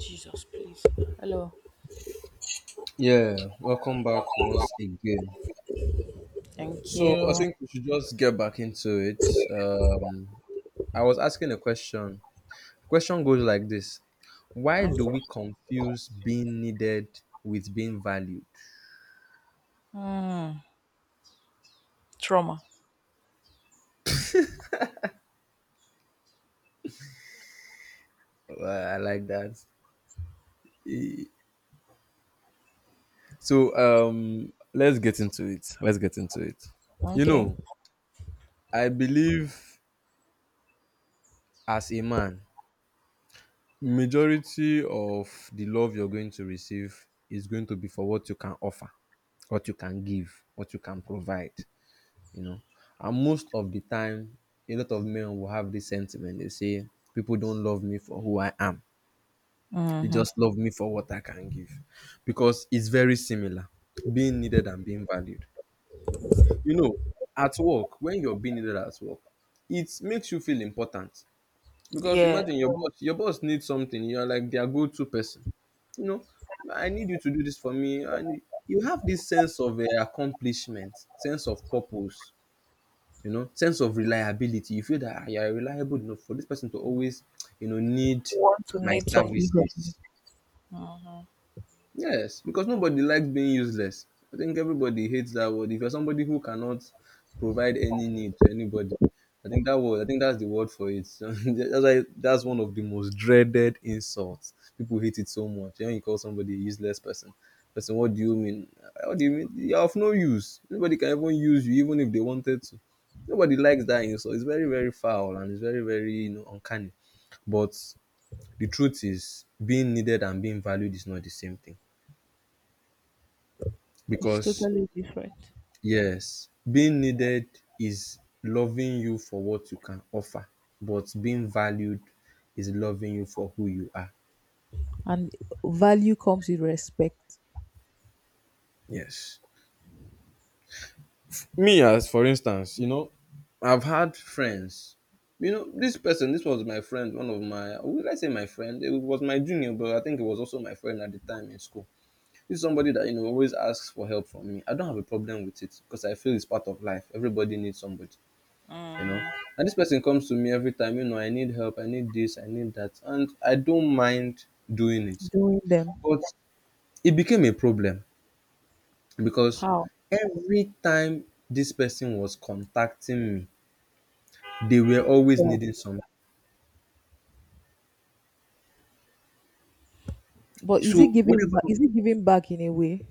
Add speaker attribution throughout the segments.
Speaker 1: Jesus, please. Hello.
Speaker 2: Yeah, welcome back once again.
Speaker 1: Thank
Speaker 2: So
Speaker 1: you.
Speaker 2: I think we should just get back into it. I was asking a question. The question goes like this: Why do
Speaker 1: Mm.
Speaker 2: we confuse being needed with being valued?
Speaker 1: Mm. Trauma.
Speaker 2: I like that. E- So let's get into it. Let's get into it. You
Speaker 1: Okay.
Speaker 2: know, I believe as a man. Majority of the love you're going to receive is going to be for what you can offer, what you can give, what you can provide, you know. And most of the time, a lot of men will have this sentiment. They say, people don't love me for who I am, they
Speaker 1: Mm-hmm.
Speaker 2: just love me for what I can give. Because it's very similar being needed and being valued. You know, at work, when you're being needed at work, it makes you feel important. Because
Speaker 1: Yeah.
Speaker 2: imagine your boss needs something, you're like their go-to person. You know, I need you to do this for me, and you have this sense of accomplishment, sense of purpose, you know, sense of reliability. You feel that you are reliable enough for this person to always you know, need
Speaker 1: Want to
Speaker 2: my
Speaker 1: need something from you.
Speaker 2: services.
Speaker 1: Mhm.
Speaker 2: Yes, because nobody likes being useless. I think everybody hates that word. If you're somebody who cannot provide any need to anybody, I think that word, I think that's the word for it. So that's why that's one of the most dreaded insults. People hate it so much. When you call somebody a useless person, what do you mean? What do you mean? You're of no use. Nobody can even use you, even if they wanted to. Nobody likes that insult. It's very, very foul, and it's very, very uncanny. But the truth is, being needed and being valued is not the same thing.
Speaker 1: It's
Speaker 2: Because
Speaker 1: totally different.
Speaker 2: yes, being needed is loving you for what you can offer, but being valued is loving you for who you are.
Speaker 1: And value comes with respect.
Speaker 2: Yes. Me, as for instance, you know, I've had friends. You know, this person, this was my friend, one of my, would I say my friend? It was my junior, but I think it was also my friend at the time in school. This is somebody that, you know, always asks for help from me. I don't have a problem with it because I feel it's part of life. Everybody needs somebody. You know,
Speaker 1: Mhm.
Speaker 2: and this person comes to me every time. You know, I need help, I need this, I need that, and I don't mind doing it.
Speaker 1: Doing them.
Speaker 2: But it became a problem because
Speaker 1: How?
Speaker 2: every time this person was contacting me, they were
Speaker 1: You need
Speaker 2: always
Speaker 1: help.
Speaker 2: needing something.
Speaker 1: But is it
Speaker 2: So
Speaker 1: giving
Speaker 2: whenever
Speaker 1: back is it giving back in a way?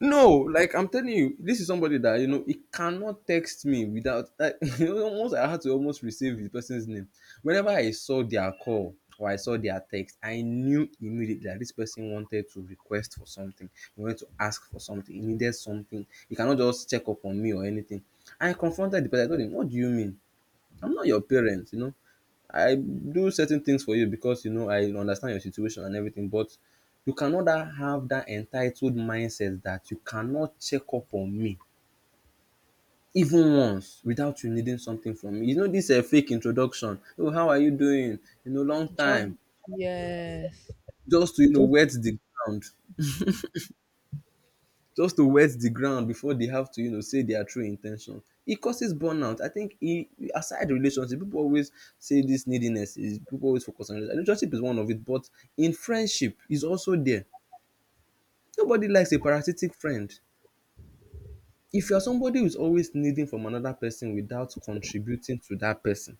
Speaker 2: No, like I'm telling you, this is somebody that, you know, he cannot text me without, like, you know, almost, I had to almost receive the person's name. Whenever I saw their call or I saw their text, I knew immediately that this person wanted to request for something, he wanted to ask for something, he needed something. He cannot just check up on me or anything. I confronted the person, I told him, what do you mean? I'm not your parent, you know. I do certain things for you because, you know, I understand your situation and everything, but you cannot that have that entitled mindset that you cannot check up on me even once without you needing something from me. You know, this a fake introduction. Oh, how are you doing? You know, long
Speaker 1: Just,
Speaker 2: time.
Speaker 1: yes.
Speaker 2: Just to, you know,
Speaker 1: Just,
Speaker 2: wet the ground. Just to wet the ground before they have to, you know, say their true intention. It causes burnout. I think e Aside relationship, people always say this neediness is, people always focus on relationship. Relationship is one of it, but in friendship is also there. Nobody likes a parasitic friend. If you are somebody who is always needing from another person without contributing to that person,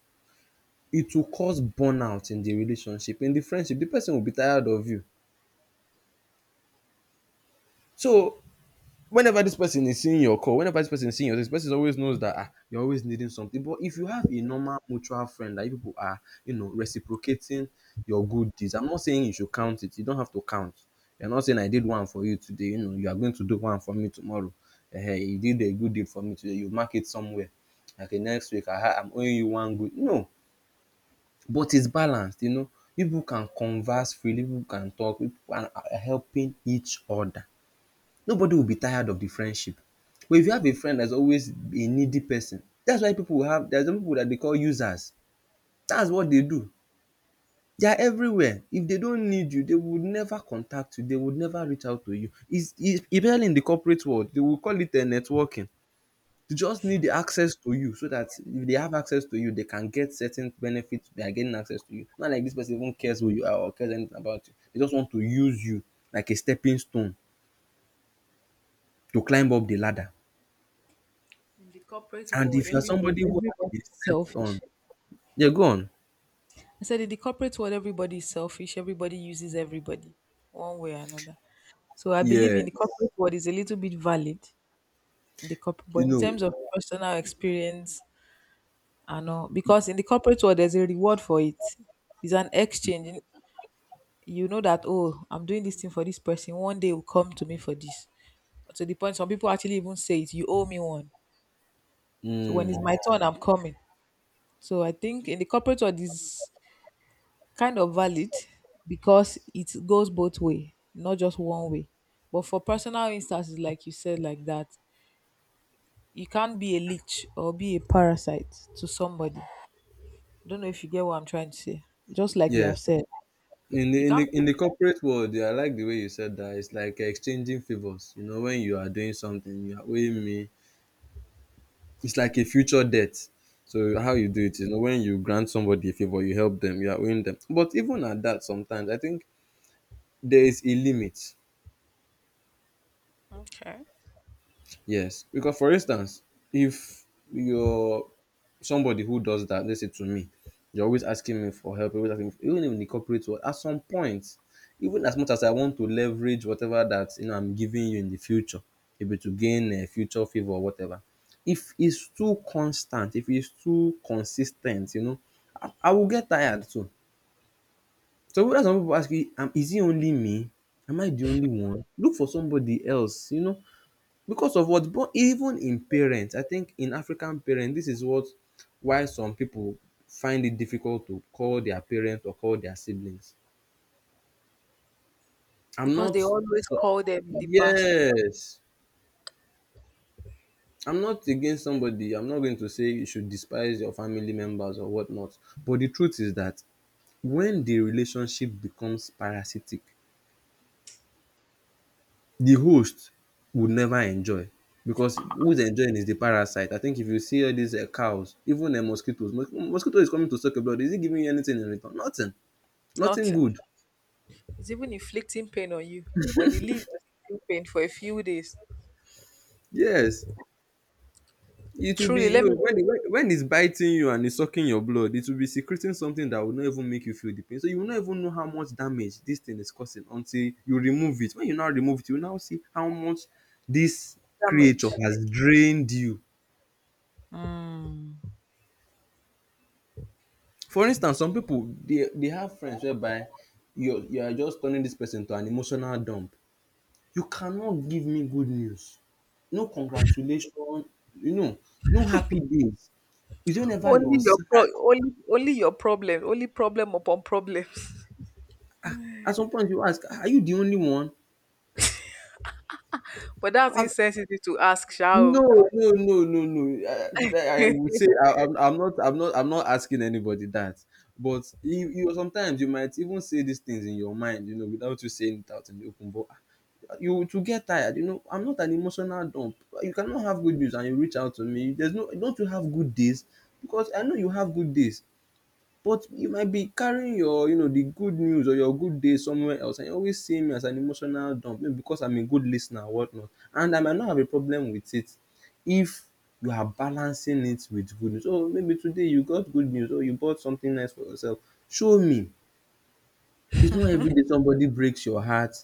Speaker 2: it will cause burnout in the relationship, in the friendship. The person will be tired of you. So whenever this person is seeing your call, whenever this person is seeing your, this person always knows that, ah, you're always needing something. But if you have a normal mutual friend that you people are, you know, reciprocating your good deeds, I'm not saying you should count it. You don't have to count. You're not saying I did one for you today. You know, you are going to do one for me tomorrow. Hey, you did a good deed for me today. You mark it somewhere. Okay, next week I'm owing you one good. No, but it's balanced. You know, people can converse freely. People can talk. People are helping each other. Nobody will be tired of the friendship. But if you have a friend that is always a needy person, that's why people will have, there are some people that they call users. That's what they do. They are everywhere. If they don't need you, they would never contact you, they would never reach out to you. Is especially in the corporate world, they will call it networking. You just need the access to you, so that if they have access to you, they can get certain benefits by getting access to you. Not like this person even cares who you are or cares anything about you. They just want to use you like a stepping stone to climb up the ladder.
Speaker 1: in the corporate
Speaker 2: And
Speaker 1: world,
Speaker 2: if you're
Speaker 1: everybody
Speaker 2: somebody who has been
Speaker 1: everybody's
Speaker 2: stepped on,
Speaker 1: selfish.
Speaker 2: yeah, go on.
Speaker 1: I said in the corporate world, everybody is selfish. Everybody uses everybody, one way or another. So I believe in the
Speaker 2: Yes,
Speaker 1: corporate world is a little bit valid in the corporate,
Speaker 2: you
Speaker 1: but in
Speaker 2: know
Speaker 1: terms of personal experience, I know because in the corporate world there's a reward for it. It's an exchange. You know that, oh, I'm doing this thing for this person. One day will come to me for this. To the point, some people actually even say it. You owe me one. So when it's
Speaker 2: mm,
Speaker 1: my turn, I'm coming. So I think in the corporate world is kind of valid because it goes both way, not just one way. But for personal instances, like you said, like that, you can't be a leech or be a parasite to somebody. I don't know if you get what I'm trying to say. Just like you have
Speaker 2: yes.
Speaker 1: said,
Speaker 2: In the
Speaker 1: you
Speaker 2: in the
Speaker 1: can't be.
Speaker 2: in the corporate world, yeah, I like the way you said that. It's like exchanging favors. You know, when you are doing something, you are owing me. It's like a future debt. So how you do it, you know, when you grant somebody a favor, you help them, you are owing them. But even at that, sometimes I think there is a limit.
Speaker 1: Okay.
Speaker 2: Yes, because for instance, if you're somebody who does that, let's say to me, you're always asking me for help, always asking me for, even in the corporate world, at some point, even as much as I want to leverage whatever that, you know, I'm giving you in the future, maybe to gain a future favor or whatever, if it's too constant, if it's too consistent, you know, I will get tired too. So when some people ask you, is it only me? Am I the only one? Look for somebody else, you know, because of what. But even in parents, I think in African parents, this is what. Why some people find it difficult to call their parents or call their siblings. I'm
Speaker 1: Because
Speaker 2: not
Speaker 1: they always
Speaker 2: so
Speaker 1: call them in the past.
Speaker 2: Yes, I'm not against somebody, I'm not going to say you should despise your family members or whatnot. But the truth is that when the relationship becomes parasitic, the host would never enjoy, because who's enjoying is the parasite. I think if you see all these cows, even mosquitoes, mosquito is coming to suck your blood, is it giving you anything in return? Nothing,
Speaker 1: It's
Speaker 2: nothing
Speaker 1: nothing.
Speaker 2: good.
Speaker 1: It's even inflicting pain on you. When he leaves, you feel pain for a few days.
Speaker 2: Yes, it will be,
Speaker 1: Truly,
Speaker 2: you
Speaker 1: let
Speaker 2: know,
Speaker 1: me
Speaker 2: when when it's biting you and it's sucking your blood, it will be secreting something that will not even make you feel the pain. So you will not even know how much damage this thing is causing until you remove it. When you now remove it, you will now see how much this creature
Speaker 1: damage.
Speaker 2: has drained you.
Speaker 1: Mm.
Speaker 2: For instance, some people they have friends whereby you are just turning this person to an emotional dump. You cannot give me good news. No congratulation, you know, no happy days. Is it whenever
Speaker 1: Only
Speaker 2: you're
Speaker 1: your pro
Speaker 2: sad.
Speaker 1: only your problem, only problem upon problems.
Speaker 2: At some point you ask, are you the only one?
Speaker 1: But that's
Speaker 2: Am
Speaker 1: insensitive to ask, shall.
Speaker 2: No, no, no, no, no. I would say I'm not, I'm not asking anybody that. But you sometimes you might even say these things in your mind, you know, without you saying it out in the open. But ah, you to get tired, you know. I'm not an emotional dump. You cannot have good news and you reach out to me. There's no, don't you have good days? Because I know you have good days. But you might be carrying your, you know, the good news or your good day somewhere else, and you always see me as an emotional dump, maybe because I'm a good lis ten or whatnot, and I might not have a problem with it if you are balancing it with good news. So maybe today you got good news or you bought something nice for yourself, show me. It's not every day somebody breaks your heart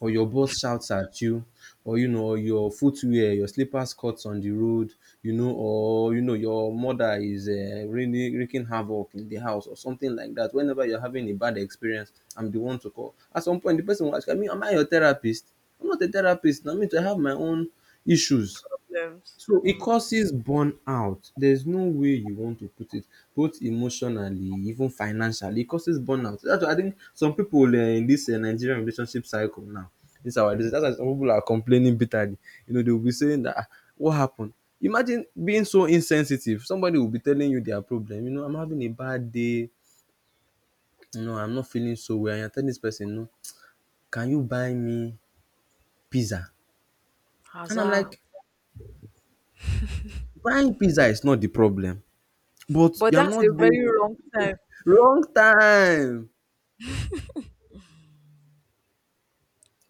Speaker 2: or your boss shouts at you, or you know, or your footwear, your slippers cuts on the road, you know, or you know your mother is really wreaking havoc in the house or something like that. Whenever you're having a bad experience, I'm the one to call. At some point the person will ask you, I mean, am I your therapist? I'm not a therapist. I mean, I have my own issues.
Speaker 1: Problems.
Speaker 2: So it
Speaker 1: Mm.
Speaker 2: causes burnout. There's no way you want to put it, both emotionally, even financially. It causes burnout. That's why I think some people in this Nigerian relationship cycle now, this our that's why some people are complaining bitterly. You know, they'll be saying that, "Ah, what happened. Imagine being so insensitive. Somebody will be telling you their problem. You know, I'm having a bad day. You know, I'm not feeling so well." And you're telling this person, "No, can you buy me pizza?" And I'm
Speaker 1: Azal.
Speaker 2: like, buying pizza is not the problem, but
Speaker 1: But
Speaker 2: you're
Speaker 1: that's
Speaker 2: not
Speaker 1: a very
Speaker 2: being
Speaker 1: wrong time.
Speaker 2: wrong time.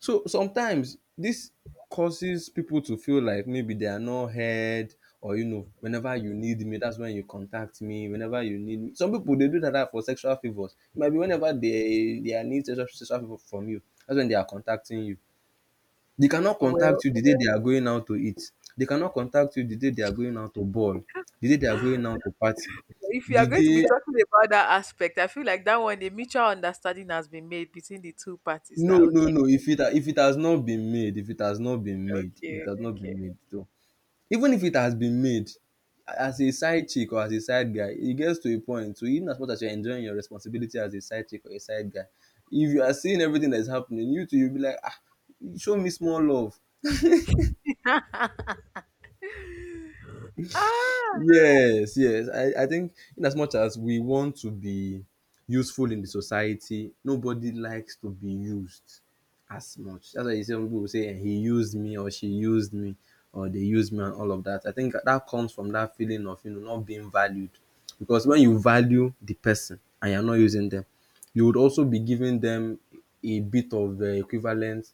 Speaker 2: So sometimes this causes people to feel like maybe they are not heard, or you know, whenever you need me, that's when you contact me. Whenever you need me, some people they do like that for sexual favours. It might be whenever they are need sexual favour from you, that's when they are contacting you. They cannot contact
Speaker 1: Well,
Speaker 2: you the day they are going out to eat. They cannot contact you the day they are going out to ball, the day they are going out to party,
Speaker 1: if you
Speaker 2: the
Speaker 1: are going to be
Speaker 2: day
Speaker 1: talking about that aspect, I feel like that one, a mutual understanding has been made between the two parties. That okay,
Speaker 2: no if it has not been made,
Speaker 1: okay, okay.
Speaker 2: so even if it has been made, as a side chick or as a side guy, it gets to a point. So even as much as you're enjoying your responsibility as a side chick or a side guy, if you are seeing everything that is happening, you too you'll be like, ah, show me small love.
Speaker 1: Ah,
Speaker 2: Yes, yes. I think in as much as we want to be useful in the society, nobody likes to be used as much. That's why you see some people will say, "Eh, he used me, or she used me, or they used me," and all of that. I think that comes from that feeling of, you know, not being valued. Because when you value the person and you're not using them, you would also be giving them a bit of the equivalent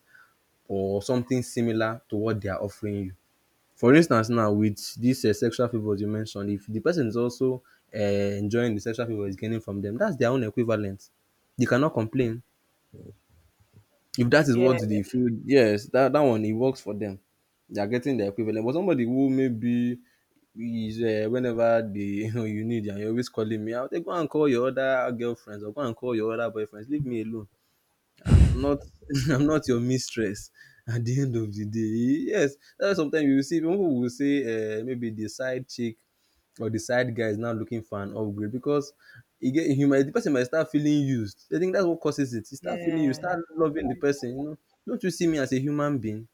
Speaker 2: or something similar to what they are offering you. For instance, now with dis sexual favours you mentioned, if de person is also um enjoying de sexual favour he's gaining from dem, that's their own equivalent. They cannot complain. If that is what they
Speaker 1: yes,
Speaker 2: feel, yes, that one e works for dem. They are getting their equivalent. But somebody who maybe is whenever dey you know you need am, you're always calling me out, then go and call your other girlfriends or go and call your other boyfriends, leave me alone. Ah, I'm not I'm not your mistress at the end of the day. Yes, that's why sometimes you will see people will say maybe the side chick or the side guy is now looking for an upgrade because you get you might the person might start feeling used. I think that's what causes it. You start feeling, you
Speaker 1: yeah. Yeah,
Speaker 2: start loving the
Speaker 1: yeah.
Speaker 2: person, you know. Don't you see me as a human being?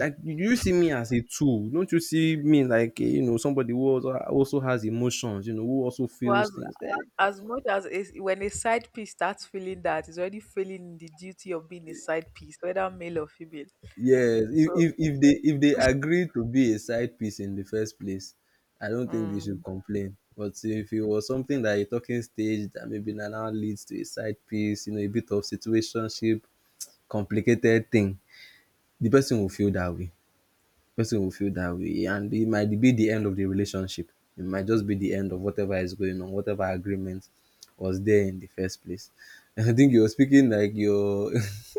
Speaker 2: Like you see me as a tool. Don't you see me like, eh, you know, somebody who also, also has emotions, you know, who also
Speaker 1: But
Speaker 2: feels
Speaker 1: as
Speaker 2: things. Yeah.
Speaker 1: as much as it's, when a side piece starts feeling that, it's already feeling the duty of being a side piece, whether male or female.
Speaker 2: Yes, if
Speaker 1: So
Speaker 2: if if they if they agreed to be a side piece in the first place, I don't think they should
Speaker 1: um,
Speaker 2: complain. But if it was something that a talking stage that maybe na now leads to a side piece, you know, a bit of situationship, complicated thing, the person will feel that way, and it might be the end of the relationship. It might just be the end of whatever is going on, whatever agreement was there in the first place. I think you're speaking like you're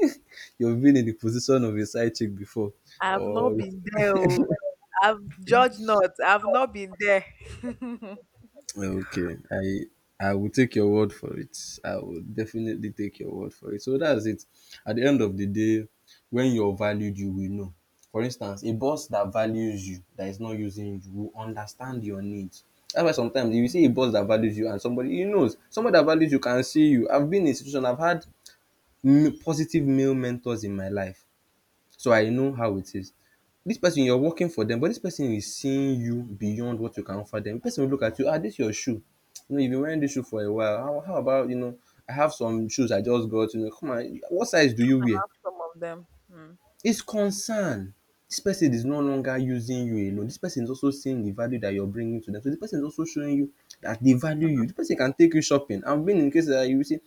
Speaker 2: you've been in the position of a side chick before,
Speaker 1: I've
Speaker 2: or
Speaker 1: not been there. Oh. I've judged not. I've not been there. I
Speaker 2: okay, I will take your word for it. I will definitely take your word for it. So that's it. At the end of the day, when you're valued, you will know. For instance, a boss that values you, that is not using you, will understand your needs. That's why sometimes if you see a boss that values you and somebody he knows, somebody that values you can see you. I've been in a situation, I've had positive male mentors in my life, so I know how it is. This person you're working for them, but this person is seeing you beyond what you can offer them. Di person will look at you, "Ah, this your shoe, you know, you've been wearing this shoe for a while. How about, you know, I have some shoes I just got. You know, come on. What size do you wear?"
Speaker 1: have some of them. Hmm.
Speaker 2: It's concern. This person is no longer using you alone, this person is also seeing the value that you're bringing to them. So this person is also showing you that they value you.
Speaker 1: Some
Speaker 2: This person can take you shopping. I've been in cases that you will say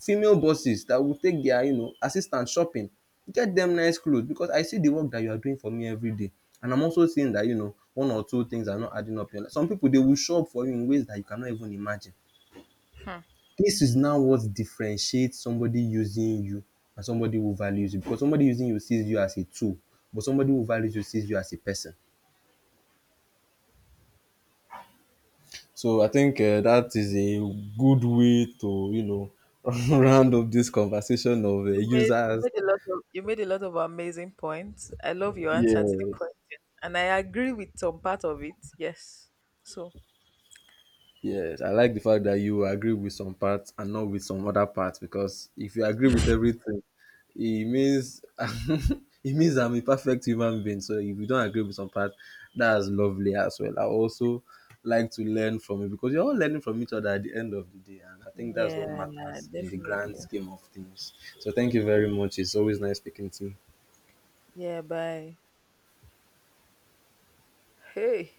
Speaker 2: female bosses that will take their, you know, assistant shopping, get them nice clothes because I see the work that you are doing for me every day, and I'm also seeing that, you know, one or two things are not adding up. Some people, they will shop for you in ways that you cannot even imagine.
Speaker 1: hmm.
Speaker 2: This is now what differentiates somebody using you and somebody who values you, because somebody using you sees you as a tool, but somebody who values you sees you as a person. So I think that is a good way to, you know, round up this conversation
Speaker 1: You,
Speaker 2: of
Speaker 1: you made
Speaker 2: users.
Speaker 1: a lot of amazing points. I love your
Speaker 2: Yeah.
Speaker 1: answer to the question, and I agree with some part of it. Yes. So,
Speaker 2: Yes, I like the fact that you agree with some parts and not with some other parts, because if you agree with everything, it means it means I'm a perfect human being. So if you don't agree with some parts, that's lovely as well. I also like to learn from it because you're all learning from each other at the end of the day, and I think that's what
Speaker 1: yeah,
Speaker 2: matters in the grand
Speaker 1: definitely.
Speaker 2: scheme of things. So thank you very much. It's always nice speaking to you.
Speaker 1: Yeah. Bye. Hey.